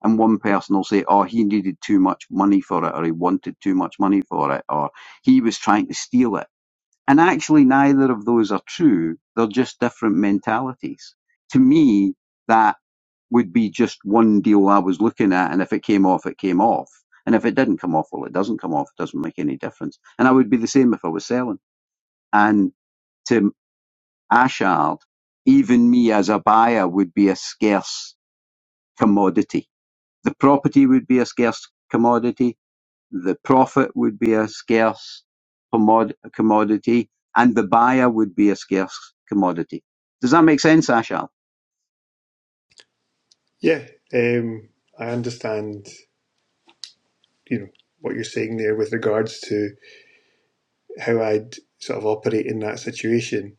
and one person will say, "Oh, he needed too much money for it, or he wanted too much money for it, or he was trying to steal it." And actually, neither of those are true. They're just different mentalities. To me, that would be just one deal I was looking at, and if it came off, it came off. And if it didn't come off, well, it doesn't come off. It doesn't make any difference. And I would be the same if I was selling. And to Ashard, even me as a buyer would be a scarce commodity the property would be a scarce commodity, the profit would be a scarce commod- commodity, and the buyer would be a scarce commodity. Does that make sense, Ashal? Yeah, um, I understand. You know what you're saying there with regards to how I'd sort of operate in that situation.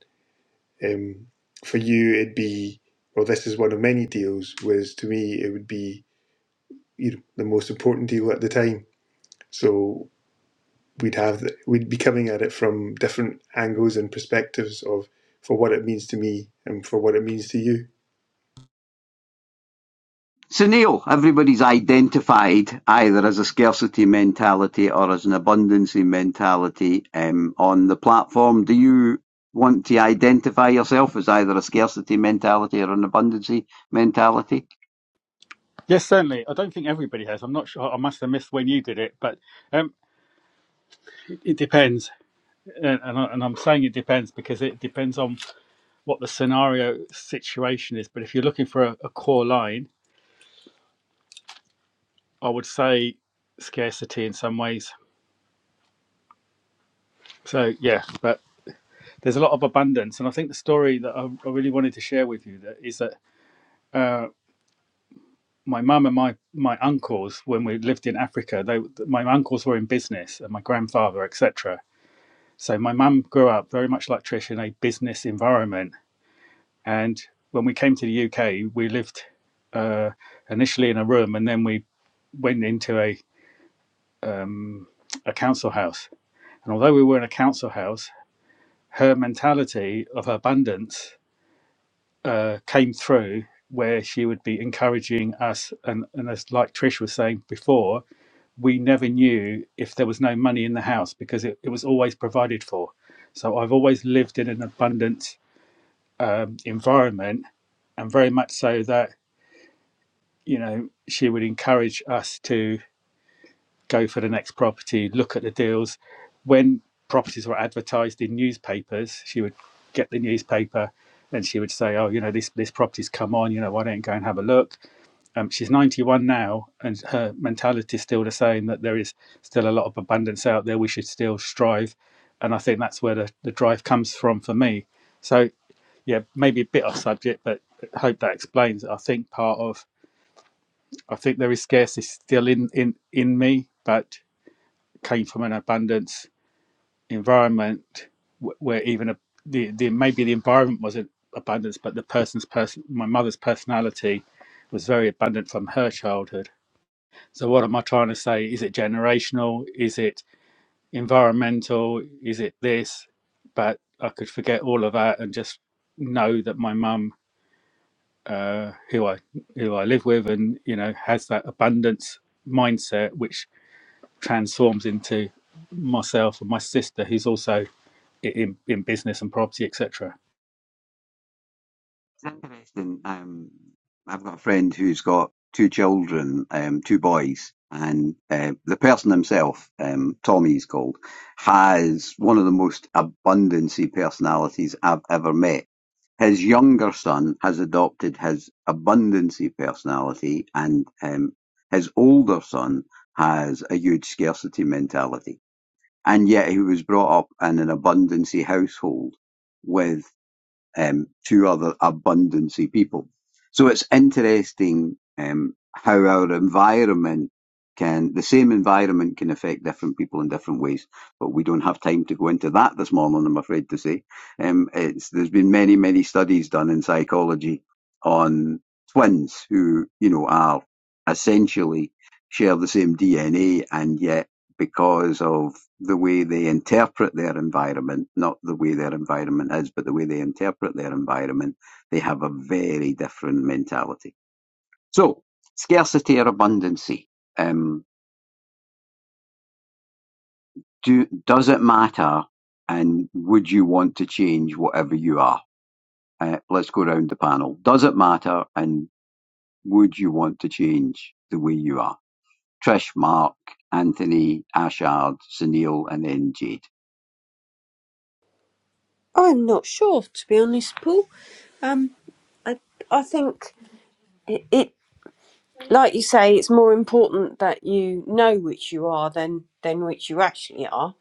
Um, for you, it'd be well. This is one of many deals. Whereas to me, it would be you know the most important deal at the time. So we'd have the, we'd be coming at it from different angles and perspectives of for what it means to me and for what it means to you. So, Neil, everybody's identified either as a scarcity mentality or as an abundancy mentality um, on the platform. Do you want to identify yourself as either a scarcity mentality or an abundancy mentality? Yes, certainly. I don't think everybody has. I'm not sure. I must have missed when you did it, but um, it it depends. And, and, I, and I'm saying it depends because it depends on what the scenario situation is. But if you're looking for a, a core line, I would say scarcity in some ways. So yeah, but there's a lot of abundance, and I think the story that I, I really wanted to share with you that is that uh, my mum and my my uncles, when we lived in Africa, they my uncles were in business, and my grandfather, etc. So my mum grew up very much like Trish in a business environment, and when we came to the UK, we lived uh, initially in a room, and then we went into a um, a council house. And although we were in a council house, her mentality of abundance uh, came through where she would be encouraging us and, and as like trish was saying before we never knew if there was no money in the house because it, it was always provided for so i've always lived in an abundant um, environment and very much so that you know she would encourage us to go for the next property, look at the deals. When properties were advertised in newspapers, she would get the newspaper and she would say, "Oh, you know, this this property's come on. You know, why don't you go and have a look?" Um, she's 91 now, and her mentality is still the same that there is still a lot of abundance out there. We should still strive, and I think that's where the, the drive comes from for me. So yeah, maybe a bit off subject, but I hope that explains. it. I think part of I think there is scarcity still in in in me, but came from an abundance environment where even a, the, the maybe the environment wasn't abundance, but the person's person, my mother's personality was very abundant from her childhood. So what am I trying to say? Is it generational? Is it environmental? Is it this? But I could forget all of that and just know that my mum, uh, who I who I live with, and you know, has that abundance mindset, which transforms into myself and my sister, who's also in, in business and property, etc. It's interesting. Um, I've got a friend who's got two children, um, two boys, and uh, the person himself, um, Tommy's called, has one of the most abundancy personalities I've ever met. His younger son has adopted his abundancy personality, and um, his older son has a huge scarcity mentality. And yet, he was brought up in an abundancy household with um, to other abundancy people. So it's interesting um, how our environment can, the same environment can affect different people in different ways. But we don't have time to go into that this morning, I'm afraid to say. Um, it's, there's been many, many studies done in psychology on twins who, you know, are essentially share the same DNA and yet because of the way they interpret their environment, not the way their environment is, but the way they interpret their environment, they have a very different mentality. So, scarcity or abundancy, um, do, does it matter? And would you want to change whatever you are? Uh, let's go round the panel. Does it matter? And would you want to change the way you are? Trish, Mark, Anthony, Ashard, Sunil, and then Jade. I'm not sure, to be honest, Paul. Um, I I think it, it like you say, it's more important that you know which you are than than which you actually are.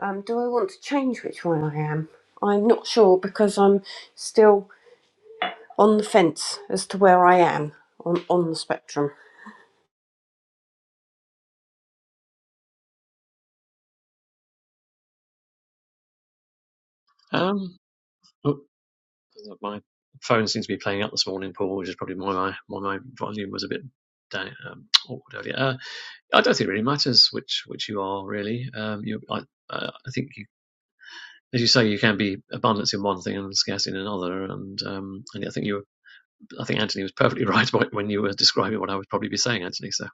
Um, do I want to change which one I am? I'm not sure because I'm still on the fence as to where I am on on the spectrum. Um, Oh, my phone seems to be playing up this morning, Paul, which is probably why my why my volume was a bit down, um, awkward earlier. Uh, I don't think it really matters which which you are really. Um, you, I, uh, I think you, as you say, you can be abundance in one thing and scarce in another. And um, and I think you, were, I think Anthony was perfectly right when you were describing what I would probably be saying, Anthony. So.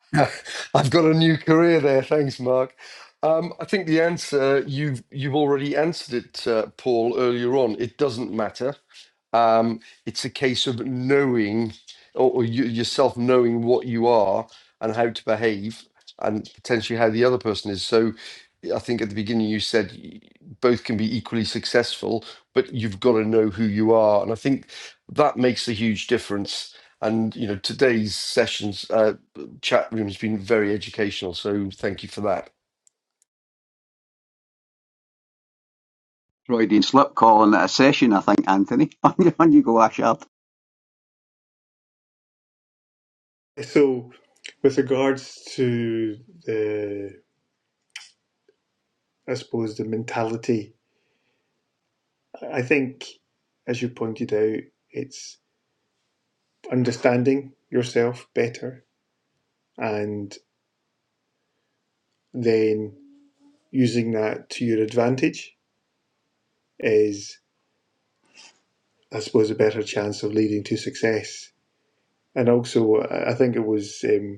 I've got a new career there. Thanks, Mark. Um, I think the answer you've you've already answered it, uh, Paul, earlier on. It doesn't matter. Um, it's a case of knowing or, or you, yourself knowing what you are and how to behave and potentially how the other person is. So I think at the beginning you said y- both can be equally successful, but you've got to know who you are. And I think that makes a huge difference. And you know today's sessions uh, chat room has been very educational, so thank you for that. Freudian slip calling it a session, I think, Anthony. On you, go, Ashard. So, with regards to the, I suppose the mentality, I think, as you pointed out, it's understanding yourself better and then using that to your advantage is, I suppose, a better chance of leading to success. And also, I think it was. Um,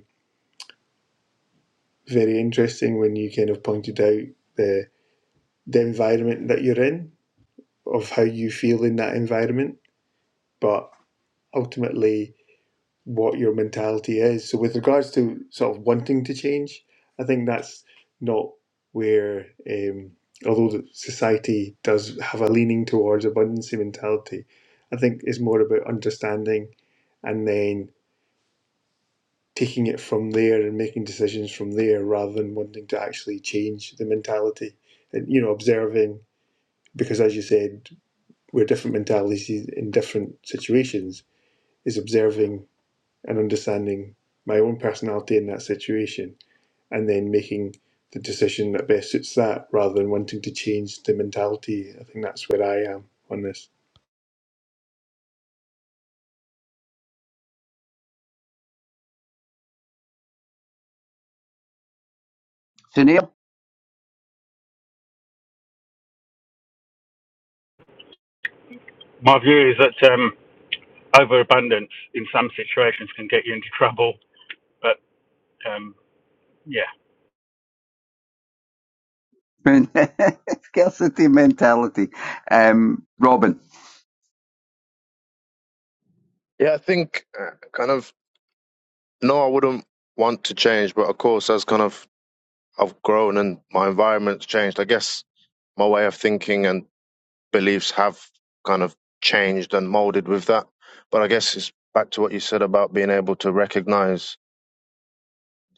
very interesting when you kind of pointed out the the environment that you're in, of how you feel in that environment, but ultimately what your mentality is. So with regards to sort of wanting to change, I think that's not where um, although society does have a leaning towards abundancy mentality, I think it's more about understanding and then taking it from there and making decisions from there rather than wanting to actually change the mentality and you know observing because as you said we're different mentalities in different situations is observing and understanding my own personality in that situation and then making the decision that best suits that rather than wanting to change the mentality i think that's where i am on this Sinead, My view is that um, overabundance in some situations can get you into trouble, but um, yeah, Moon. scarcity mentality. Um, Robin. Yeah, I think uh, kind of no, I wouldn't want to change, but of course, as kind of I've grown and my environment's changed, I guess my way of thinking and beliefs have kind of changed and molded with that. But I guess it's back to what you said about being able to recognize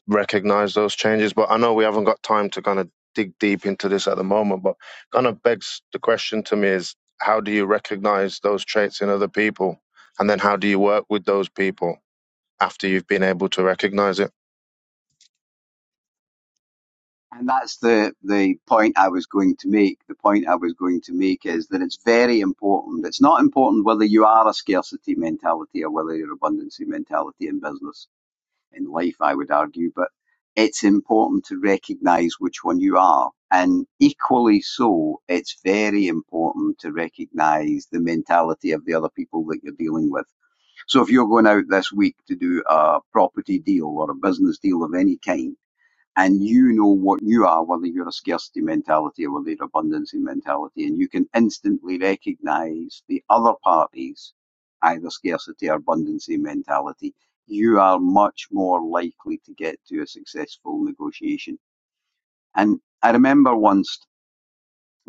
recognize those changes. But I know we haven't got time to kind of dig deep into this at the moment, but kind of begs the question to me is how do you recognize those traits in other people? And then how do you work with those people after you've been able to recognize it? And that's the, the point I was going to make. The point I was going to make is that it's very important. It's not important whether you are a scarcity mentality or whether you're an abundancy mentality in business in life, I would argue, but it's important to recognize which one you are. And equally so, it's very important to recognize the mentality of the other people that you're dealing with. So if you're going out this week to do a property deal or a business deal of any kind, and you know what you are, whether you're a scarcity mentality or whether you're abundancy mentality, and you can instantly recognize the other parties, either scarcity or abundancy mentality, you are much more likely to get to a successful negotiation. And I remember once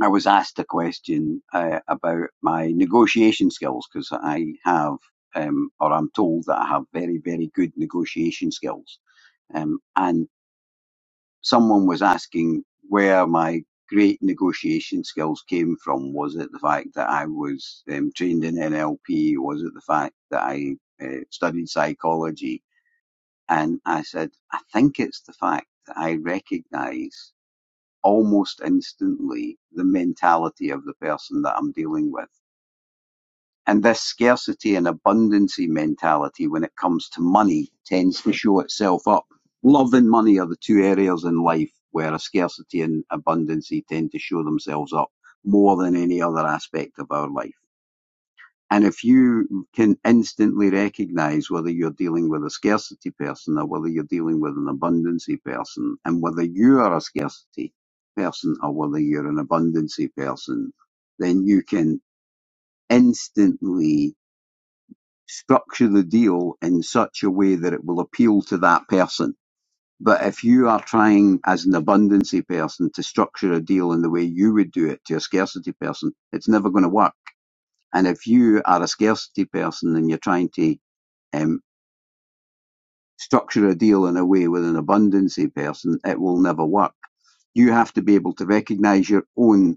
I was asked a question uh, about my negotiation skills because I have, um, or I'm told that I have very, very good negotiation skills. Um, and someone was asking where my great negotiation skills came from. Was it the fact that I was um, trained in NLP? Was it the fact that I uh, studied psychology? And I said, I think it's the fact that I recognize almost instantly the mentality of the person that I'm dealing with. And this scarcity and abundancy mentality when it comes to money tends to show itself up. Love and money are the two areas in life where a scarcity and abundancy tend to show themselves up more than any other aspect of our life. And if you can instantly recognize whether you're dealing with a scarcity person or whether you're dealing with an abundancy person and whether you are a scarcity person or whether you're an abundancy person, then you can instantly structure the deal in such a way that it will appeal to that person. But if you are trying as an abundancy person to structure a deal in the way you would do it to a scarcity person, it's never going to work. And if you are a scarcity person and you're trying to um, structure a deal in a way with an abundancy person, it will never work. You have to be able to recognize your own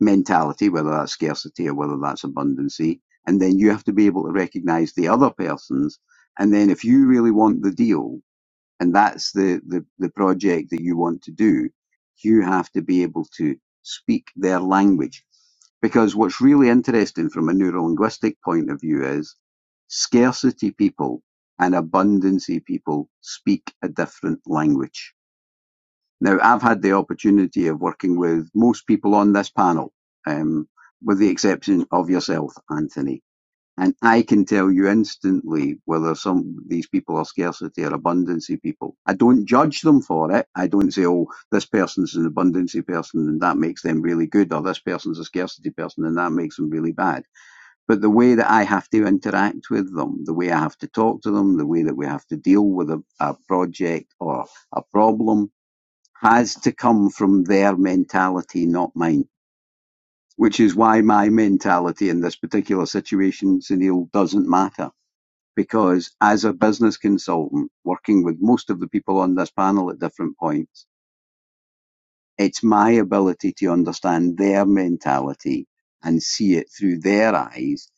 mentality, whether that's scarcity or whether that's abundancy. And then you have to be able to recognize the other person's. And then if you really want the deal and that's the, the, the project that you want to do, you have to be able to speak their language. Because what's really interesting from a neurolinguistic point of view is scarcity people and abundancy people speak a different language now, I've had the opportunity of working with most people on this panel, um, with the exception of yourself, Anthony. And I can tell you instantly whether some of these people are scarcity or abundancy people. I don't judge them for it. I don't say, oh, this person's an abundancy person and that makes them really good, or this person's a scarcity person and that makes them really bad. But the way that I have to interact with them, the way I have to talk to them, the way that we have to deal with a, a project or a problem, has to come from their mentality, not mine. Which is why my mentality in this particular situation, Sunil, doesn't matter. Because as a business consultant, working with most of the people on this panel at different points, it's my ability to understand their mentality and see it through their eyes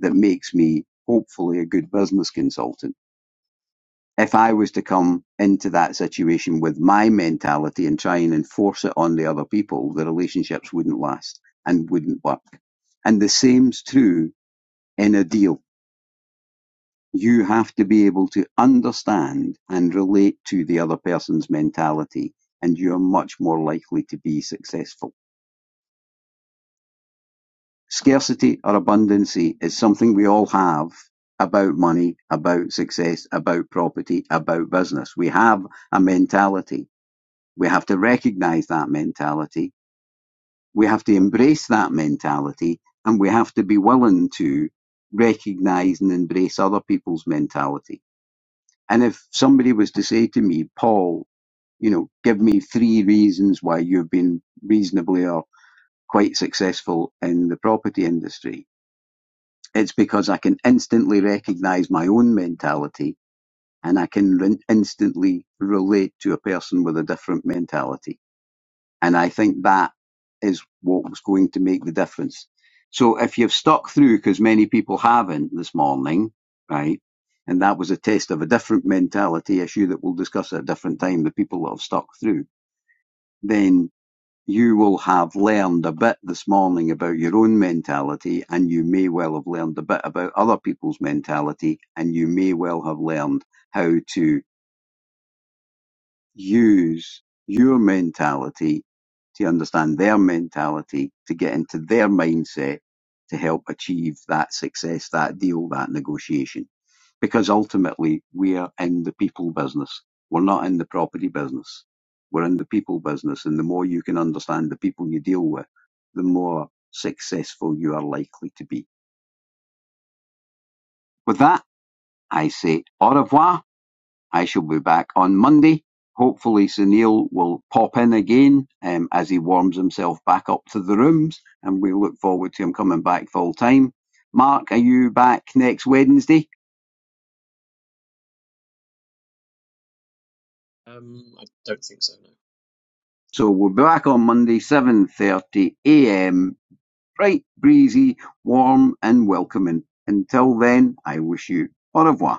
that makes me hopefully a good business consultant if I was to come into that situation with my mentality and try and enforce it on the other people, the relationships wouldn't last and wouldn't work. And the same's true in a deal. You have to be able to understand and relate to the other person's mentality, and you're much more likely to be successful. Scarcity or abundancy is something we all have about money, about success, about property, about business. We have a mentality We have to recognize that mentality. We have to embrace that mentality and we have to be willing to recognize and embrace other people's mentality. And if somebody was to say to me, Paul, you know, give me three reasons why you've been reasonably or quite successful in the property industry, it's because I can instantly recognize my own mentality and I can re- instantly relate to a person with a different mentality And I think that is what was going to make the difference. So if you've stuck through, because many people haven't this morning, right? And that was a test of a different mentality issue that we'll discuss at a different time, the people that have stuck through, then you will have learned a bit this morning about your own mentality and you may well have learned a bit about other people's mentality and you may well have learned how to use your mentality to understand their mentality, to get into their mindset to help achieve that success, that deal, that negotiation. Because ultimately, we are in the people business. We're not in the property business. We're in the people business. And the more you can understand the people you deal with, the more successful you are likely to be. With that, I say au revoir I shall be back on Monday. Hopefully, Sunil will pop in again um, as he warms himself back up to the rooms, and we look forward to him coming back full time. Mark, are you back next Wednesday? Um, I don't think so. No. So we'll be back on Monday, 7:30 a.m. Bright, breezy, warm, and welcoming. Until then, I wish you au revoir.